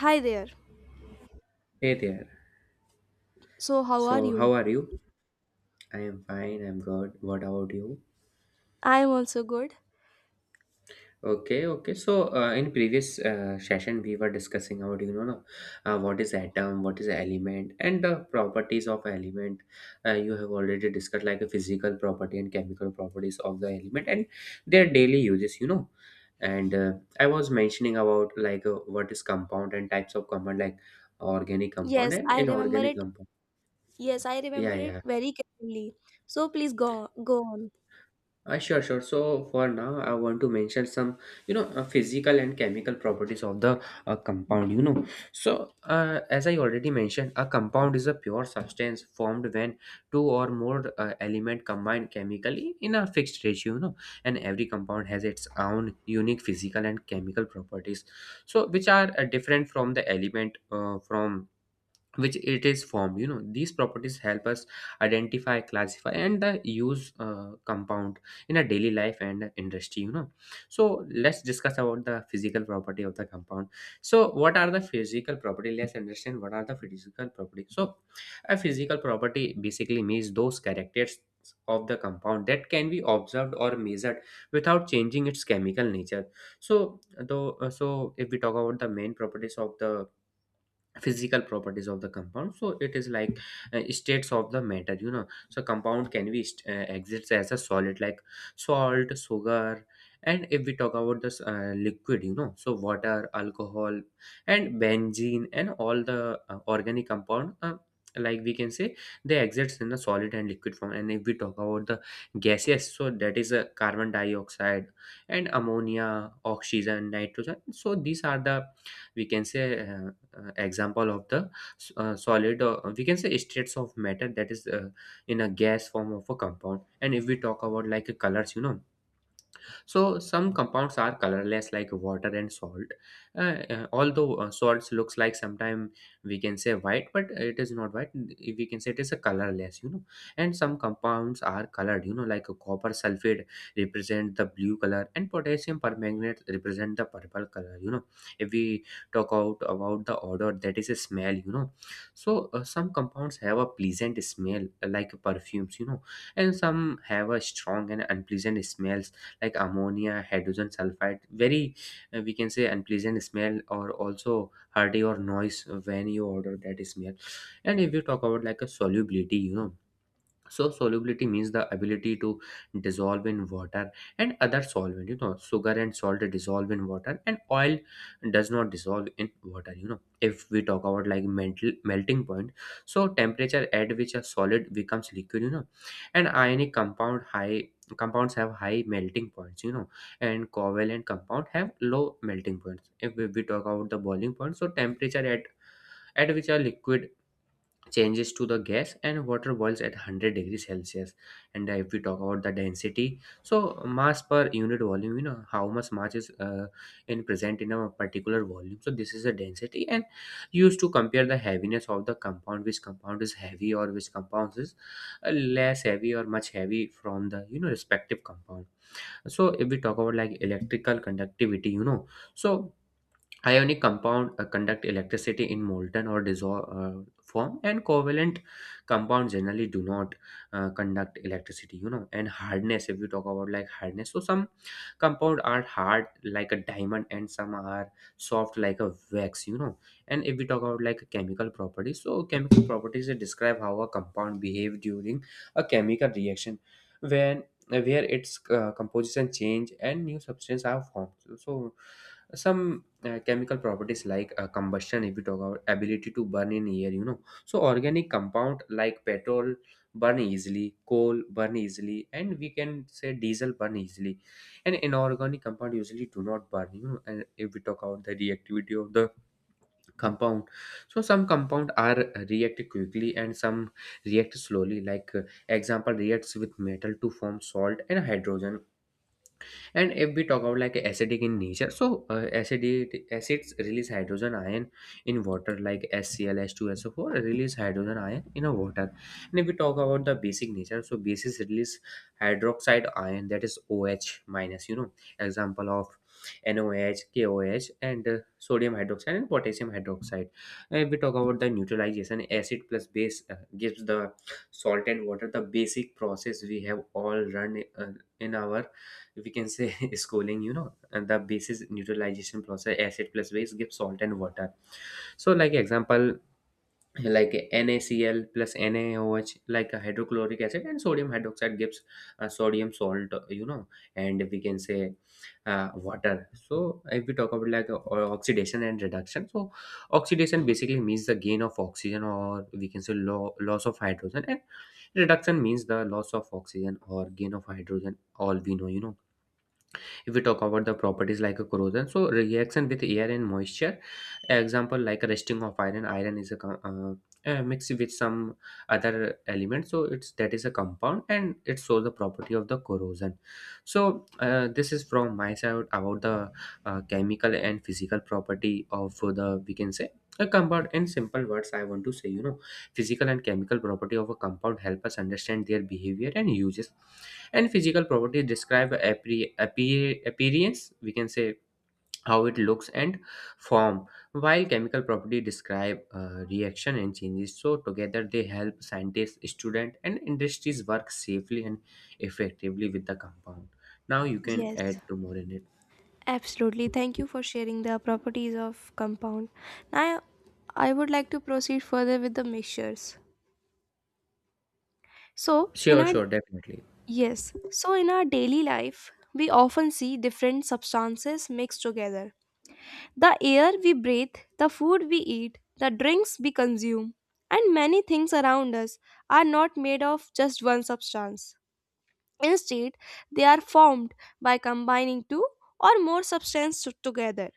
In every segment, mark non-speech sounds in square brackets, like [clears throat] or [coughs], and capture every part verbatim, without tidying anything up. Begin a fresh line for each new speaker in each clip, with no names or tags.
Hi there.
Hey there.
So, how are
So,
you?
how are you? I am fine. I'm good. What about you?
I am also good.
Okay, okay. So, uh, in previous uh, session, we were discussing about you know no, uh, what is atom, what is element, and the properties of element. Uh, you have already discussed like a physical property and chemical properties of the element and their daily uses. You know, and uh, I was mentioning about like uh, what is compound and types of compound, like organic compound
Yes,
and
I remember
inorganic
it.
compound.
Yes, I
Yeah,
remember it
yeah.
very clearly. So, please go go on.
Uh, sure, sure. So for now, I want to mention some, you know, uh, physical and chemical properties of the uh, compound. You know, so uh, as I already mentioned, a compound is a pure substance formed when two or more uh, element combine chemically in a fixed ratio. You know, and every compound has its own unique physical and chemical properties, so which are uh, different from the element uh, from which it is formed. You know, these properties help us identify, classify, and the use uh, compound in a daily life and industry. You know, so let's discuss about the physical property of the compound. So what are the physical property? Let's understand what are the physical property. So a physical property basically means those characters of the compound that can be observed or measured without changing its chemical nature. So though uh, so if we talk about the main properties of the physical properties of the compound, so it is like uh, states of the matter. You know, so compound can be st- uh, exits as a solid like salt, sugar. And if we talk about this uh, liquid, you know, so water, alcohol, and benzene, and all the uh, organic compound, uh, like we can say they exits in the solid and liquid form. And if we talk about the gaseous, so that is a carbon dioxide and ammonia, oxygen, nitrogen. So these are the, we can say, uh, uh, example of the uh, solid, or we can say states of matter, that is uh, in a gas form of a compound. And if we talk about like colors, you know, so some compounds are colorless like water and salt. Uh, uh, although uh, salts looks like sometimes we can say white, but it is not white. We can say it is a colorless, you know. And some compounds are colored, you know, like a copper sulfate represent the blue color, and potassium permanganate represent the purple color, you know. If we talk out about the odor, that is a smell, you know. So uh, some compounds have a pleasant smell uh, like perfumes, you know, and some have a strong and unpleasant smells like ammonia, hydrogen sulfide, very uh, we can say unpleasant smell, or also hearty or noise when you order that smell. And if you talk about like a solubility, you know, so solubility means the ability to dissolve in water and other solvent. You know, sugar and salt dissolve in water, and oil does not dissolve in water. You know, if we talk about like mental melting point, so temperature at which a solid becomes liquid. You know, and ionic compound high compounds have high melting points. You know, and covalent compound have low melting points. If we, we talk about the boiling point, so temperature at at which a liquid changes to the gas, and water boils at one hundred degrees celsius. And uh, if we talk about the density, so mass per unit volume. You know, how much mass is uh, in present in a particular volume, so this is the density, and used to compare the heaviness of the compound, which compound is heavy or which compound is uh, less heavy or much heavy from the, you know, respective compound. So if we talk about like electrical conductivity, you know, so ionic compound uh, conduct electricity in molten or dissolved uh, form, and covalent compounds generally do not uh, conduct electricity. You know, and hardness. If you talk about like hardness, so some compound are hard like a diamond, and some are soft like a wax. You know, and if we talk about like chemical properties, so chemical properties, they describe how a compound behave during a chemical reaction when where its uh, composition change and new substance are formed. So some uh, chemical properties like uh, combustion, if you talk about ability to burn in air. You know, so organic compound like petrol burn easily, coal burn easily, and we can say diesel burn easily. And inorganic compound usually do not burn. You know, and if we talk about the reactivity of the compound, so some compound are uh, react quickly and some react slowly, like uh, example reacts with metal to form salt and hydrogen. And if we talk about like acidic in nature, so uh, acidity, acids release hydrogen ion in water like HCl, H2SO4 release hydrogen ion in a water. And if we talk about the basic nature, so bases release hydroxide ion, that is OH minus. You know, example of N O H, K O H, and uh, sodium hydroxide and potassium hydroxide. And if we talk about the neutralization, acid plus base uh, gives the salt and water, the basic process we have all run uh, in our, we can say, [laughs] schooling. You know, and the basis neutralization process, acid plus base gives salt and water. So like example, like NaCl plus NaOH, like a hydrochloric acid and sodium hydroxide gives uh, sodium salt. You know, and we can say uh, water. So if we talk about like uh, oxidation and reduction, so oxidation basically means the gain of oxygen, or we can say lo- loss of hydrogen, and reduction means the loss of oxygen or gain of hydrogen, all we know. You know, if we talk about the properties like a corrosion, so reaction with air and moisture, example like rusting of iron. Iron is a co- uh, uh, mixed with some other element, so it's that is a compound, and it shows the property of the corrosion. So uh, this is from my side about the uh, chemical and physical property of the, we can say, a compound. In simple words, I want to say, you know, physical and chemical property of a compound help us understand their behavior and uses, and physical properties describe appre- appear- appearance, we can say how it looks and form, while chemical property describe uh, reaction and changes. So together they help scientists, students, and industries work safely and effectively with the compound. Now you can
Yes,
add to more in it.
absolutely. Thank you for sharing the properties of compound. Now, I would like to proceed further with the mixtures. So, in
Sure,
our
sure, definitely.
yes, so in our daily life, we often see different substances mixed together. The air we breathe, the food we eat, the drinks we consume, and many things around us are not made of just one substance. Instead, they are formed by combining two or more substances together.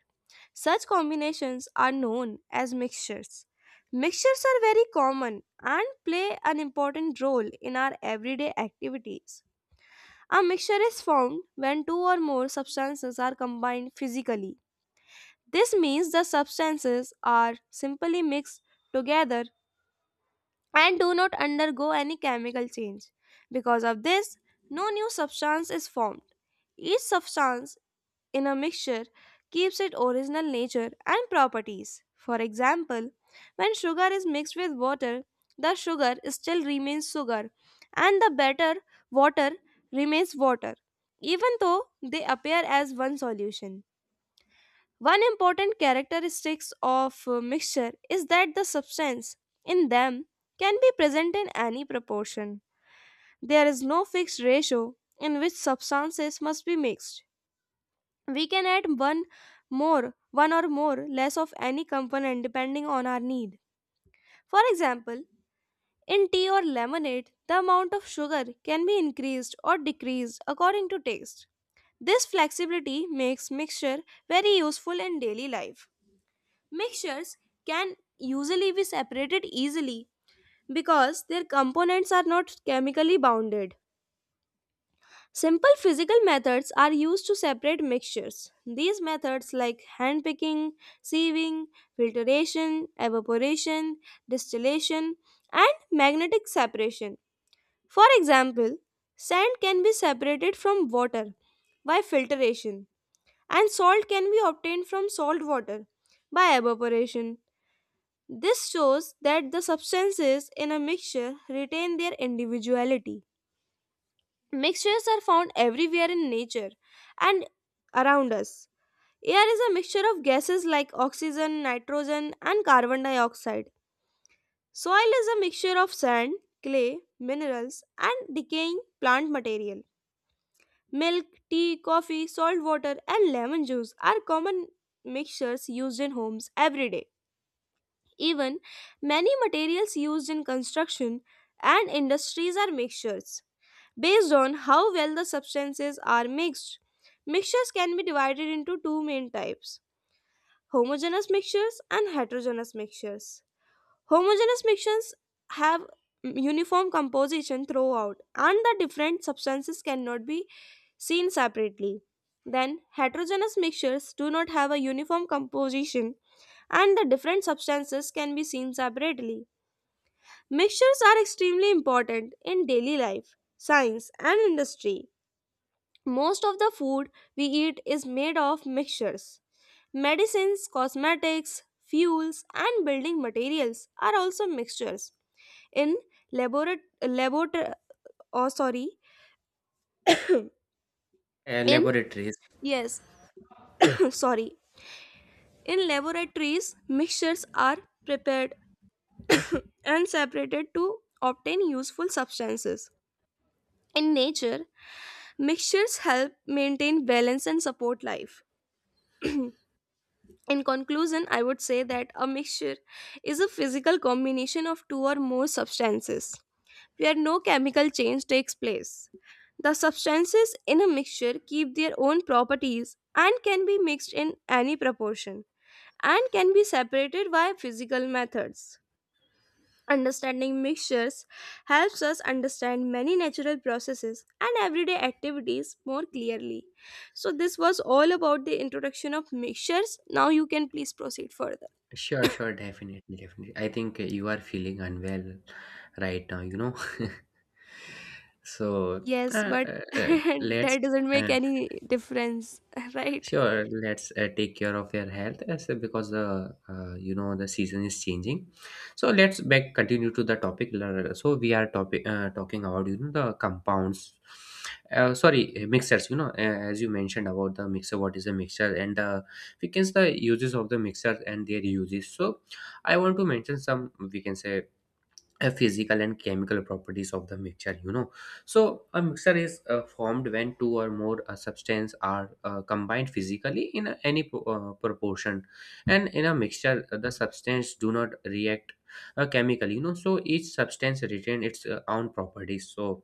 Such combinations are known as mixtures. Mixtures are very common and play an important role in our everyday activities. A mixture is formed when two or more substances are combined physically. This means the substances are simply mixed together and do not undergo any chemical change. Because of this, no new substance is formed. Each substance in a mixture keeps its original nature and properties. For example, when sugar is mixed with water, the sugar still remains sugar and the better water remains water, even though they appear as one solution. One important characteristic of uh, mixture is that the substance in them can be present in any proportion. There is no fixed ratio in which substances must be mixed. We can add one more, one or more less of any component depending on our need. For example, in tea or lemonade, the amount of sugar can be increased or decreased according to taste. This flexibility makes mixture very useful in daily life. Mixtures can usually be separated easily because their components are not chemically bounded. Simple physical methods are used to separate mixtures. These methods, like hand picking, sieving, filtration, evaporation, distillation, and magnetic separation. For example, sand can be separated from water by filtration, and salt can be obtained from salt water by evaporation. This shows that the substances in a mixture retain their individuality. Mixtures are found everywhere in nature and around us. Air is a mixture of gases like oxygen, nitrogen, and carbon dioxide. Soil is a mixture of sand, clay, minerals, and decaying plant material. Milk, tea, coffee, salt water, and lemon juice are common mixtures used in homes every day. Even many materials used in construction and industries are mixtures. Based on how well the substances are mixed, mixtures can be divided into two main types: homogeneous mixtures and heterogeneous mixtures. Homogeneous mixtures have uniform composition throughout, and the different substances cannot be seen separately. Then, heterogeneous mixtures do not have a uniform composition and the different substances can be seen separately. Mixtures are extremely important in daily life, science, and industry. Most of the food we eat is made of mixtures. Medicines, cosmetics, fuels, and building materials are also mixtures. In laborat- labor- oh, sorry,
Uh,
in
laboratories.
yes, [coughs] sorry, in laboratories, mixtures are prepared and separated to obtain useful substances. In nature, mixtures help maintain balance and support life. In conclusion, I would say that a mixture is a physical combination of two or more substances where no chemical change takes place. The substances in a mixture keep their own properties and can be mixed in any proportion and can be separated by physical methods. Understanding mixtures helps us understand many natural processes and everyday activities more clearly. So, this was all about the introduction of mixtures. Now, you can please proceed further.
Sure, sure, definitely, definitely. I think uh, you are feeling unwell right now, you know. [laughs] So uh,
Yes, but
uh,
[laughs]
uh, let's
that doesn't
uh,
make any difference, [laughs] right?
Sure, let's uh, take care of your health as uh, because the uh, you know the season is changing. So let's back continue to the topic. L- uh, So we are topic uh, talking about, you know, the compounds. Uh, sorry, uh, mixers. You know, uh, as you mentioned about the mixer, what is a mixer and the, we can say, the uses of the mixer and their uses. So I want to mention some, we can say, uh, physical and chemical properties of the mixture. You know, so a mixture is uh, formed when two or more uh, substance are uh, combined physically in a- any pro- uh, proportion. And in a mixture uh, the substance do not react uh, chemically. You know, so each substance retain its uh, own properties. So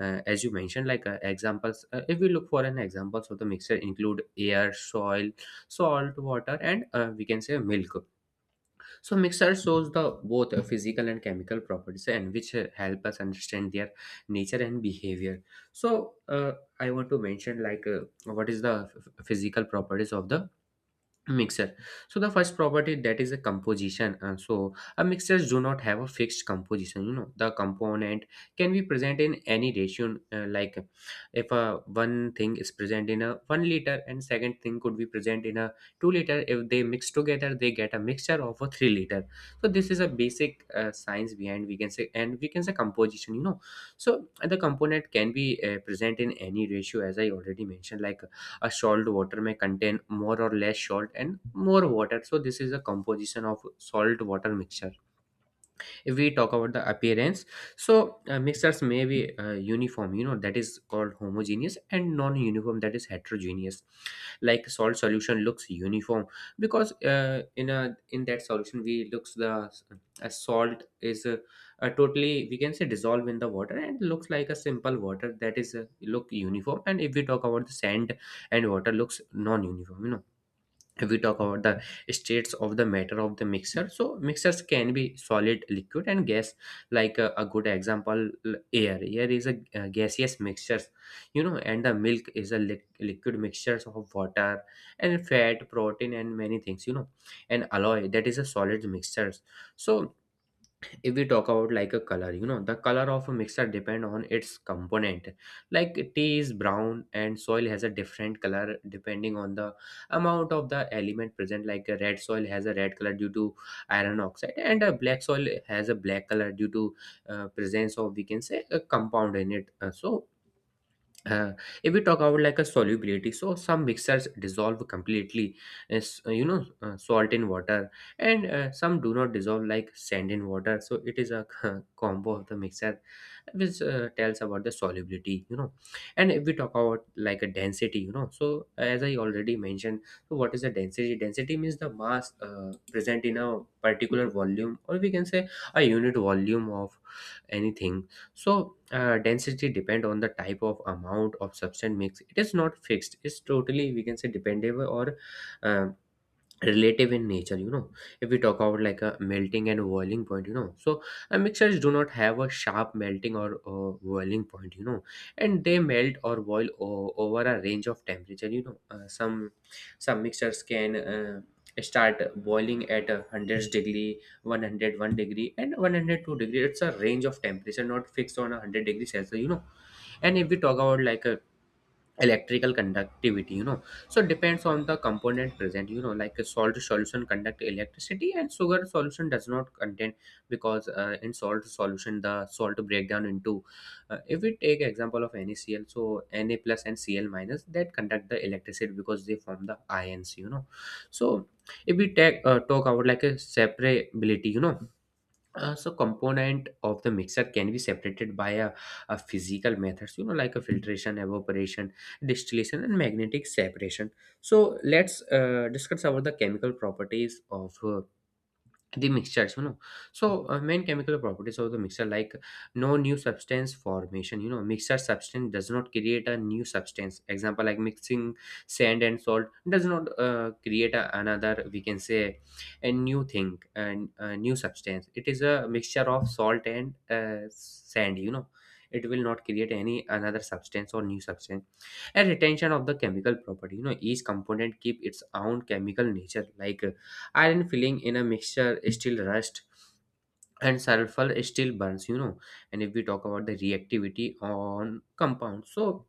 uh, as you mentioned like uh, examples, uh, if we look for an examples of the mixture include air, soil, salt water, and uh, we can say milk. So mixer shows the both uh, physical and chemical properties, and which uh, help us understand their nature and behavior. So uh, I want to mention like uh, what is the f- physical properties of the mixer. So the first property that is a composition. Uh, so a mixers do not have a fixed composition, you know, the component can be present in any ratio, uh, like if uh, one thing is present in a one liter and second thing could be present in a two liter, if they mix together they get a mixture of a three liter. So this is a basic uh, science behind, we can say, and we can say composition, you know. So the component can be uh, present in any ratio, as I already mentioned, like a salt water may contain more or less salt and more water. So this is a composition of salt water mixture. If we talk about the appearance, so uh, mixers may be uh, uniform, you know, that is called homogeneous, and non-uniform, that is heterogeneous. Like salt solution looks uniform, because uh, in a in that solution we looks the a salt is a, a totally, we can say, dissolve in the water and looks like a simple water, that is uh look uniform. And if we talk about the sand and water, looks non-uniform, you know. If we talk about the states of the matter of the mixer, so mixers can be solid, liquid and gas. Like uh, a good example, l- air air is a uh, gaseous mixtures, you know. And the milk is a li- liquid mixtures of water and fat, protein and many things, you know. And alloy, that is a solid mixtures. So if we talk about like a color, you know, the color of a mixture depend on its component. Like tea is brown, and soil has a different color depending on the amount of the element present. Like a red soil has a red color due to iron oxide, and a black soil has a black color due to uh, presence of, we can say, a compound in it. Uh, so uh, if we talk about like a solubility, so some mixtures dissolve completely, as uh, you know uh, salt in water, and uh, some do not dissolve, like sand in water. So it is a [laughs] combo of the mixture which uh, tells about the solubility, you know. And if we talk about like a density, you know, so as I already mentioned. So what is the density? Density means the mass uh, present in a particular volume, or we can say a unit volume of anything. So uh, density depend on the type of amount of substance mix. It is not fixed, it's totally, we can say, dependable or um, relative in nature, you know. If we talk about like a melting and boiling point, you know, so uh, mixers do not have a sharp melting or uh, boiling point, you know, and they melt or boil o- over a range of temperature, you know. Uh, some some mixers can uh, start boiling at a one hundred degree, one hundred one degree and one hundred two degree. It's a range of temperature, not fixed on a one hundred degree celsius, you know. And if we talk about like a electrical conductivity, you know, so depends on the component present, you know. Like a salt solution conduct electricity and sugar solution does not contain, because uh, in salt solution the salt break down into, uh, if we take example of NaCl, so Na plus and Cl minus that conduct the electricity because they form the ions, you know. So if we take uh, talk about like a separability, you know, uh, so component of the mixer can be separated by a, a physical methods, you know, like a filtration, evaporation, distillation and magnetic separation. So let's uh, discuss about the chemical properties of uh, the mixtures, you know. So uh, main chemical properties of the mixture, like no new substance formation, you know. Mixture substance does not create a new substance. Example, like mixing sand and salt does not uh, create a, another, we can say, a new thing and a new substance. It is a mixture of salt and uh, sand, you know. It will not create any another substance or new substance. And retention of the chemical property, you know, each component keep its own chemical nature. Like uh, iron filling in a mixture still rust, and sulfur still burns, you know. And if we talk about the reactivity on compound, so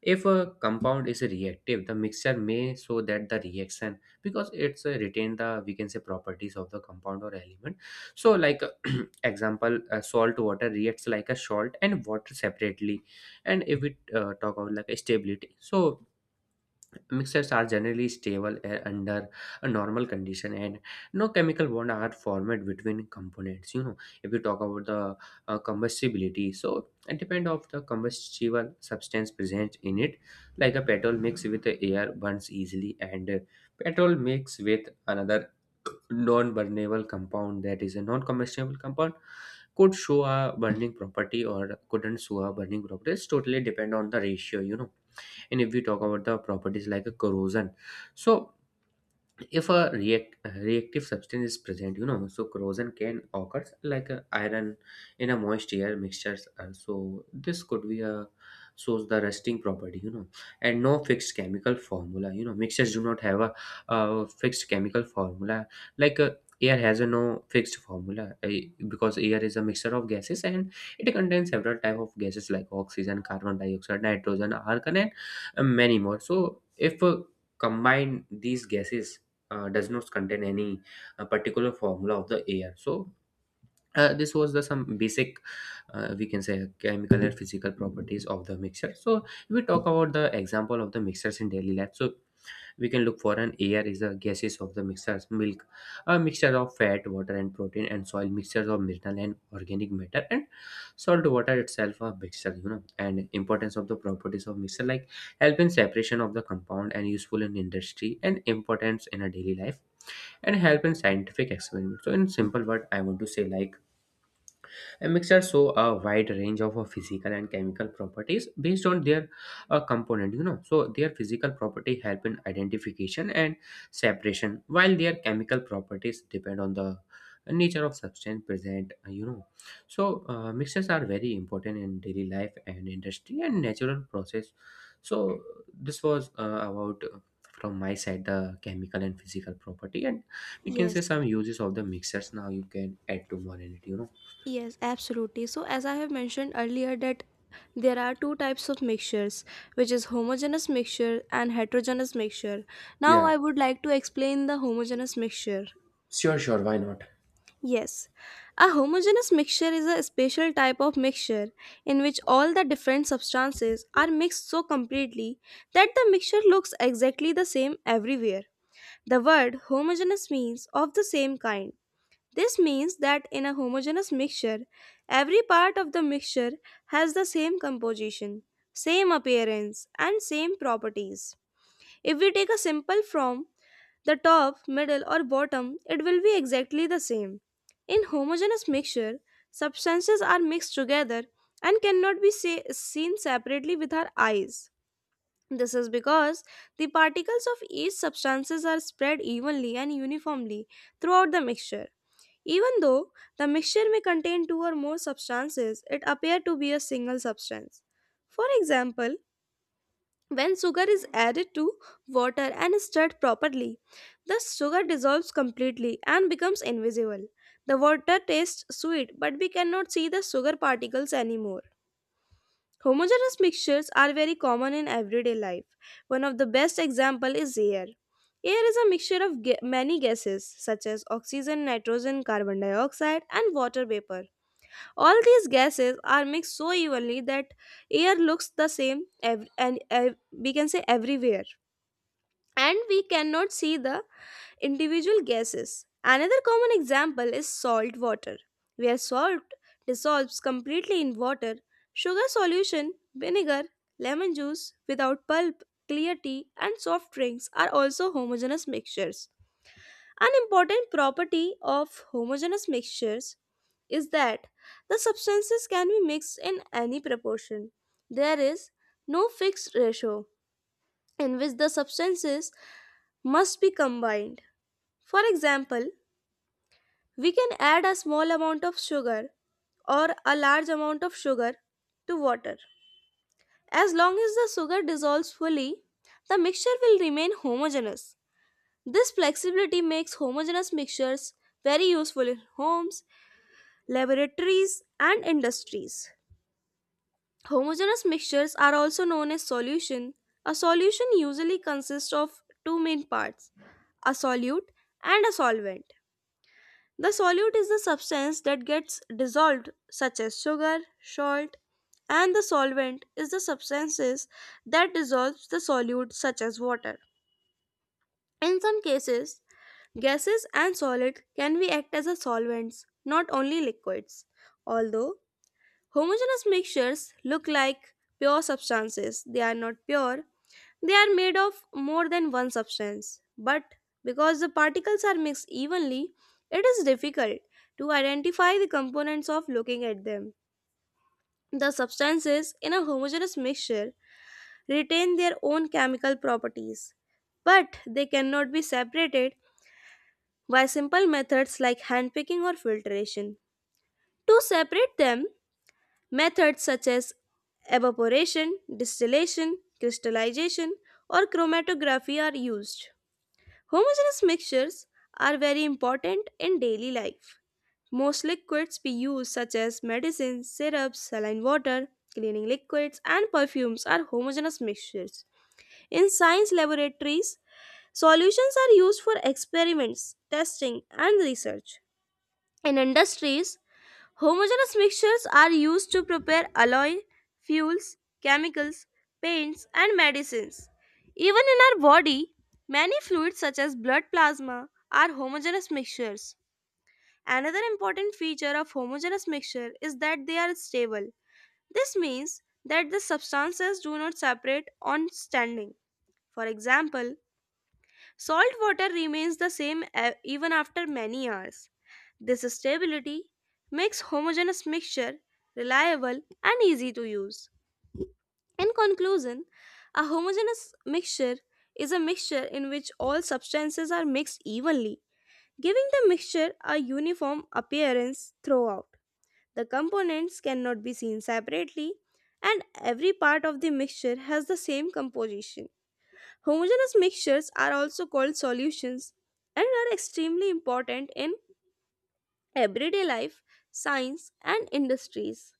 if a compound is reactive, the mixture may show that the reaction, because it's uh, retain the, we can say, properties of the compound or element. So like, [clears throat] example, uh, salt water reacts like a salt and water separately. And if we uh, talk about like a stability, so mixtures are generally stable uh, under a normal condition, and no chemical bond are formed between components, you know. If you talk about the uh, combustibility, so it depends of the combustible substance present in it. Like a petrol mix with the air burns easily, and uh, petrol mix with another non-burnable compound, that is a non-combustible compound, could show a burning property or couldn't show a burning property. It's totally depend on the ratio, you know. And if we talk about the properties like a corrosion, so if a react, reactive substance is present, you know, so corrosion can occur, like uh, iron in a moist air mixtures, uh, so this could be a shows the rusting property, you know. And no fixed chemical formula, you know, mixtures do not have a, uh fixed chemical formula. Like uh, air has a no fixed formula, uh, because air is a mixture of gases, and it contains several type of gases like oxygen, carbon dioxide, nitrogen, argon, and uh, many more. So if uh, combine these gases, uh, does not contain any uh, particular formula of the air. So uh, this was the some basic uh, we can say chemical and physical properties of the mixture. So if we talk about the example of the mixtures in daily life, so we can look for an air is the gases of the mixtures, milk a mixture of fat, water and protein, and soil mixtures of mineral and organic matter, and salt water itself a mixture, you know. And importance of the properties of mixture, like help in separation of the compound, and useful in industry, and importance in a daily life, and help in scientific experiments. So in simple word, I want to say, like a mixture show a wide range of uh, physical and chemical properties based on their uh, component. You know, so their physical property help in identification and separation, while their chemical properties depend on the nature of substance present. uh, You know, so uh, mixers are very important in daily life and industry and natural process. So this was uh, about. uh, From my side, the chemical and physical property, and we can say
Yes,
some uses of the mixtures. Now you can add to more in it, you know.
yes, absolutely. So, as I have mentioned earlier, that there are two types of mixtures, which is homogeneous mixture and heterogeneous mixture. Now,
Yeah,
I would like to explain the homogeneous mixture.
sure, sure, why not?
Yes, a homogeneous mixture is a special type of mixture in which all the different substances are mixed so completely that the mixture looks exactly the same everywhere. The word homogeneous means of the same kind. This means that in a homogeneous mixture, every part of the mixture has the same composition, same appearance, and same properties. If we take a simple form, the top, middle, or bottom, it will be exactly the same. In homogeneous mixture, substances are mixed together and cannot be se- seen separately with our eyes. This is because the particles of each substances are spread evenly and uniformly throughout the mixture. Even though the mixture may contain two or more substances, it appear to be a single substance. For example, when sugar is added to water and stirred properly, the sugar dissolves completely and becomes invisible. The water tastes sweet, but we cannot see the sugar particles anymore. Homogeneous mixtures are very common in everyday life. One of the best example is air. Air is a mixture of ga- many gases such as oxygen, nitrogen, carbon dioxide, and water vapor. All these gases are mixed so evenly that air looks the same ev- and ev- we can say everywhere and we cannot see the individual gases. Another common example is salt water, where salt dissolves completely in water. Sugar solution, vinegar, lemon juice without pulp, clear tea, and soft drinks are also homogeneous mixtures. An important property of homogeneous mixtures is that the substances can be mixed in any proportion. There is no fixed ratio in which the substances must be combined. For example, we can add a small amount of sugar or a large amount of sugar to water. As long as the sugar dissolves fully, the mixture will remain homogeneous. This flexibility makes homogeneous mixtures very useful in homes, laboratories, and industries. Homogeneous mixtures are also known as solution. A solution usually consists of two main parts, a solute and a solvent. The solute is the substance that gets dissolved, such as sugar, salt, and the solvent is the substances that dissolves the solute, such as water. In some cases, gases and solids can be act as a solvents, not only liquids. Although homogeneous mixtures look like pure substances, they are not pure. They are made of more than one substance, but because the particles are mixed evenly, it is difficult to identify the components of looking at them. The substances in a homogeneous mixture retain their own chemical properties, but they cannot be separated by simple methods like handpicking or filtration. To separate them, methods such as evaporation, distillation, crystallization, or chromatography are used. Homogeneous mixtures are very important in daily life. Most liquids we use, such as medicines, syrups, saline water, cleaning liquids, and perfumes, are homogeneous mixtures. In science laboratories, solutions are used for experiments, testing, and research. In industries, homogeneous mixtures are used to prepare alloy, fuels, chemicals, paints, and medicines. Even in our body, many fluids such as blood plasma are homogeneous mixtures. Another important feature of homogeneous mixture is that they are stable. This means that the substances do not separate on standing. For example, salt water remains the same e- even after many hours. This stability makes homogeneous mixture reliable and easy to use. In conclusion, a homogeneous mixture is a mixture in which all substances are mixed evenly, giving the mixture a uniform appearance throughout. The components cannot be seen separately, and every part of the mixture has the same composition. Homogeneous mixtures are also called solutions and are extremely important in everyday life, science, and industries.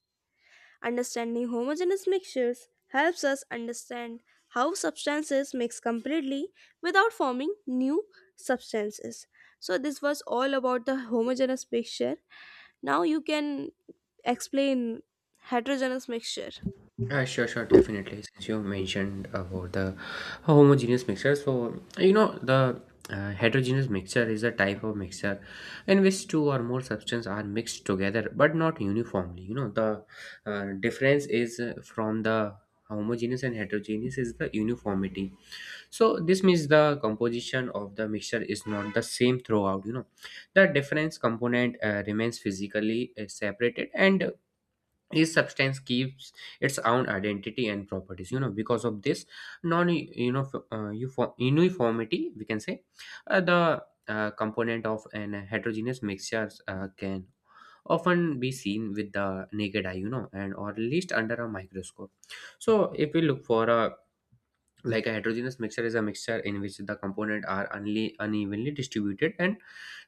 Understanding homogeneous mixtures helps us understand how substances mix completely without forming new substances. So, this was all about the homogeneous mixture. Now, you can explain heterogeneous mixture.
Uh, sure, sure, definitely. Since you mentioned about the homogeneous mixture, so you know the uh, heterogeneous mixture is a type of mixture in which two or more substances are mixed together but not uniformly. You know, the uh, difference is uh, from the homogeneous and heterogeneous is the uniformity. So this means the composition of the mixture is not the same throughout. You know, the difference component uh, remains physically uh, separated, and each substance keeps its own identity and properties, you know. Because of this non you know f- uh, uniform- uniformity, we can say uh, the uh, component of an heterogeneous mixture uh, can often be seen with the naked eye, you know, and or at least under a microscope. So if we look for a, like a heterogeneous mixture is a mixture in which the component are only unevenly distributed, and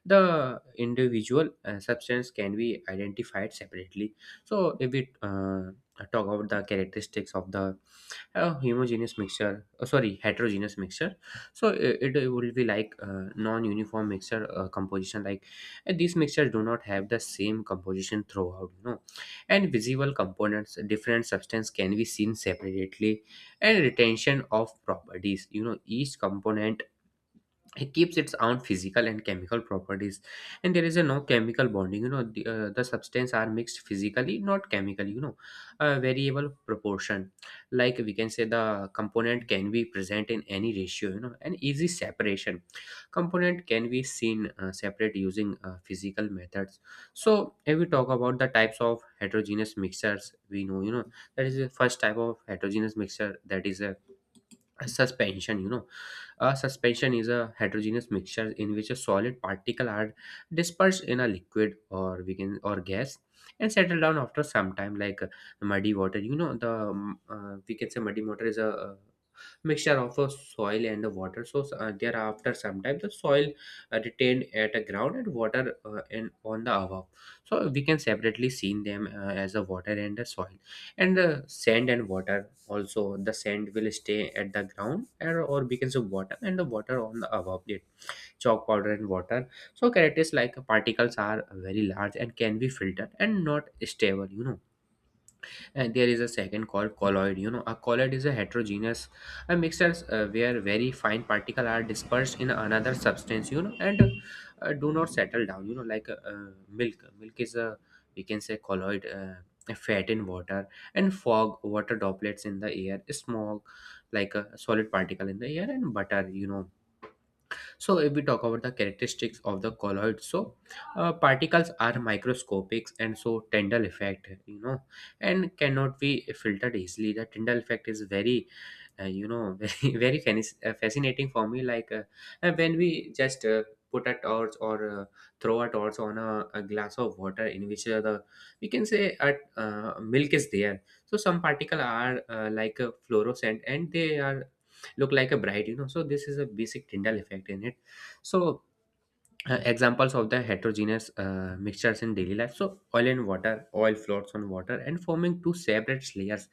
the individual uh, substance can be identified separately. So if we uh, talk about the characteristics of the uh, homogeneous mixture uh, sorry heterogeneous mixture, so it, it will be like uh, non-uniform mixture uh, composition. Like uh, these mixtures do not have the same composition throughout, you know. And visible components, different substance can be seen separately. And retention of properties, you know, each component, it keeps its own physical and chemical properties. And there is a no chemical bonding, you know, the, uh, the substance are mixed physically, not chemically, you know. A variable proportion, like we can say, the component can be present in any ratio, you know. An easy separation, component can be seen uh, separate using uh, physical methods. So if we talk about the types of heterogeneous mixtures, we know, you know, that is the first type of heterogeneous mixture, that is a suspension, you know. A suspension is a heterogeneous mixture in which a solid particle are dispersed in a liquid, or we can or gas, and settle down after some time. Like uh, muddy water, you know, the um, uh, we can say muddy water is a uh, mixture of a soil and the water. So uh, thereafter sometimes the soil uh, retained at a ground and water uh, in on the above. So we can separately seen them uh, as a water and the soil. And the sand and water, also the sand will stay at the ground, or, or becomes a water and the water on the above it. Chalk powder and water. So characters like particles are very large and can be filtered and not stable, you know. And there is a second called colloid, you know. A colloid is a heterogeneous a mixture uh, where very fine particles are dispersed in another substance, you know, and uh, do not settle down, you know. Like uh, uh, milk, milk is a, we can say, colloid, uh, a fat in water. And fog, water droplets in the air, smoke, like a solid particle in the air, and butter, you know. So if we talk About the characteristics of the colloid, so uh, particles are microscopic and so Tyndall effect, you know, and cannot be filtered easily. The Tyndall effect is very uh, you know [laughs] very very fanis- uh, fascinating for me, like uh, uh, when we just uh, put a torch or uh, throw a torch on a, a glass of water in which uh, the we can say a uh, milk is there. So some particles are uh, like uh, fluorescent and they are look like a bride, you know. So this is a basic Tyndall effect in it. So uh, examples of the heterogeneous uh, mixtures in daily life: so oil and water, oil floats on water and forming two separate layers.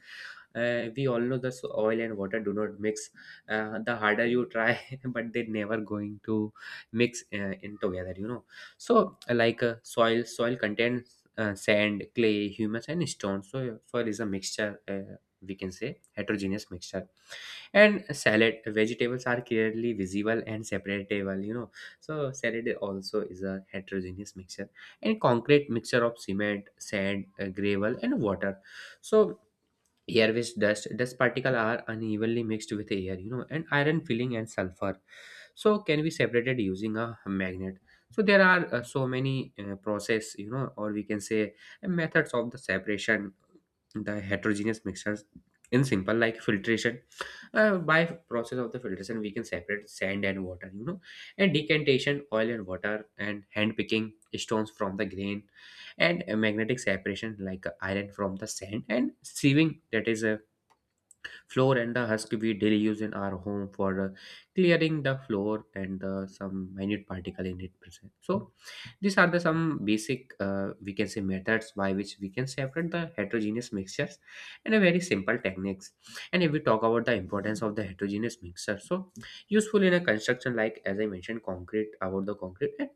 uh, We all know this, oil and water do not mix, uh, the harder you try. [laughs] But they are never going to mix uh, in together, you know. So uh, like uh, soil soil contains uh, sand, clay, humus and stone. So uh, soil is a mixture, uh, we can say heterogeneous mixture. And salad, vegetables are clearly visible and separatable, you know. So salad also is a heterogeneous mixture. And concrete, mixture of cement, sand, uh, gravel, and water. So air with dust, dust particles are unevenly mixed with air, you know, and iron filling and sulfur. So can be separated using a magnet. So there are uh, so many uh, process, you know, or we can say uh, methods of the separation, the heterogeneous mixtures. In simple, like filtration, uh, by process of the filtration we can separate sand and water, you know, and decantation, oil and water, and hand picking stones from the grain, and a magnetic separation like uh, iron from the sand, and sieving, that is a floor and the husk we daily use in our home for uh, clearing the floor and uh, some minute particle in it present. So these are the some basic uh, we can say methods by which we can separate the heterogeneous mixtures, and a very simple techniques. And if we talk about the importance of the heterogeneous mixture, so useful in a construction, like as I mentioned concrete, about the concrete, and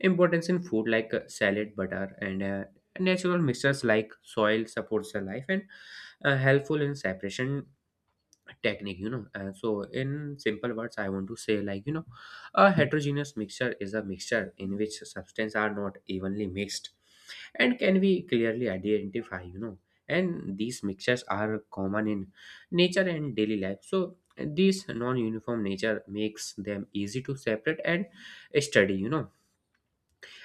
importance in food like uh, salad, butter and uh, natural mixtures like soil supports the life, and uh, helpful in separation technique, you know. And so in simple words I want to say, like, you know, a heterogeneous mixture is a mixture in which substances are not evenly mixed and can be clearly identified, you know. And these mixtures are common in nature and daily life, so this non-uniform nature makes them easy to separate and study, you know.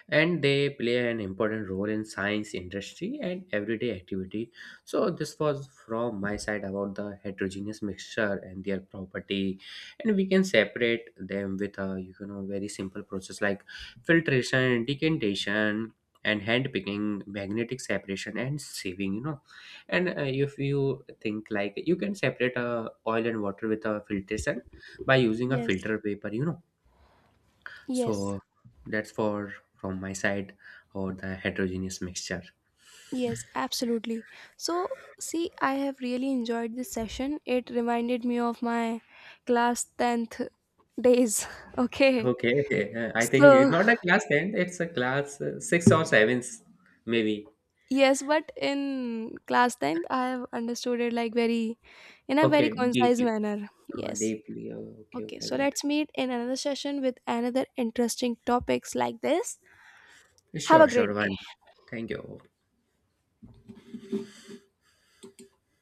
And they play an important role in science, industry and everyday activity. So this was from my side about the heterogeneous mixture and their property, and we can separate them with a, you know, very simple process like filtration, decantation, and hand picking, magnetic separation and sieving, you know. And uh, if you think, like, you can separate uh, oil and water with a filtration by using a
Yes,
filter paper, you know.
yes.
So that's for from my side or the heterogeneous mixture.
Yes, absolutely. So, see, I have really enjoyed this session. It reminded me of my class tenth days. [laughs] Okay.
Okay, okay. Uh, I think it's
So,
not a class ten, it's a class uh, six or seven, maybe.
yes, but in class tenth, I have understood it like very, in a very
Okay,
concise
deeply.
manner.
Uh,
Yes.
deeply. Uh, okay,
Okay.
okay,
So,
got
let's meet in another session with another interesting topics like this.
it.
Have
Sure,
a great
sure,
day.
one. Thank you.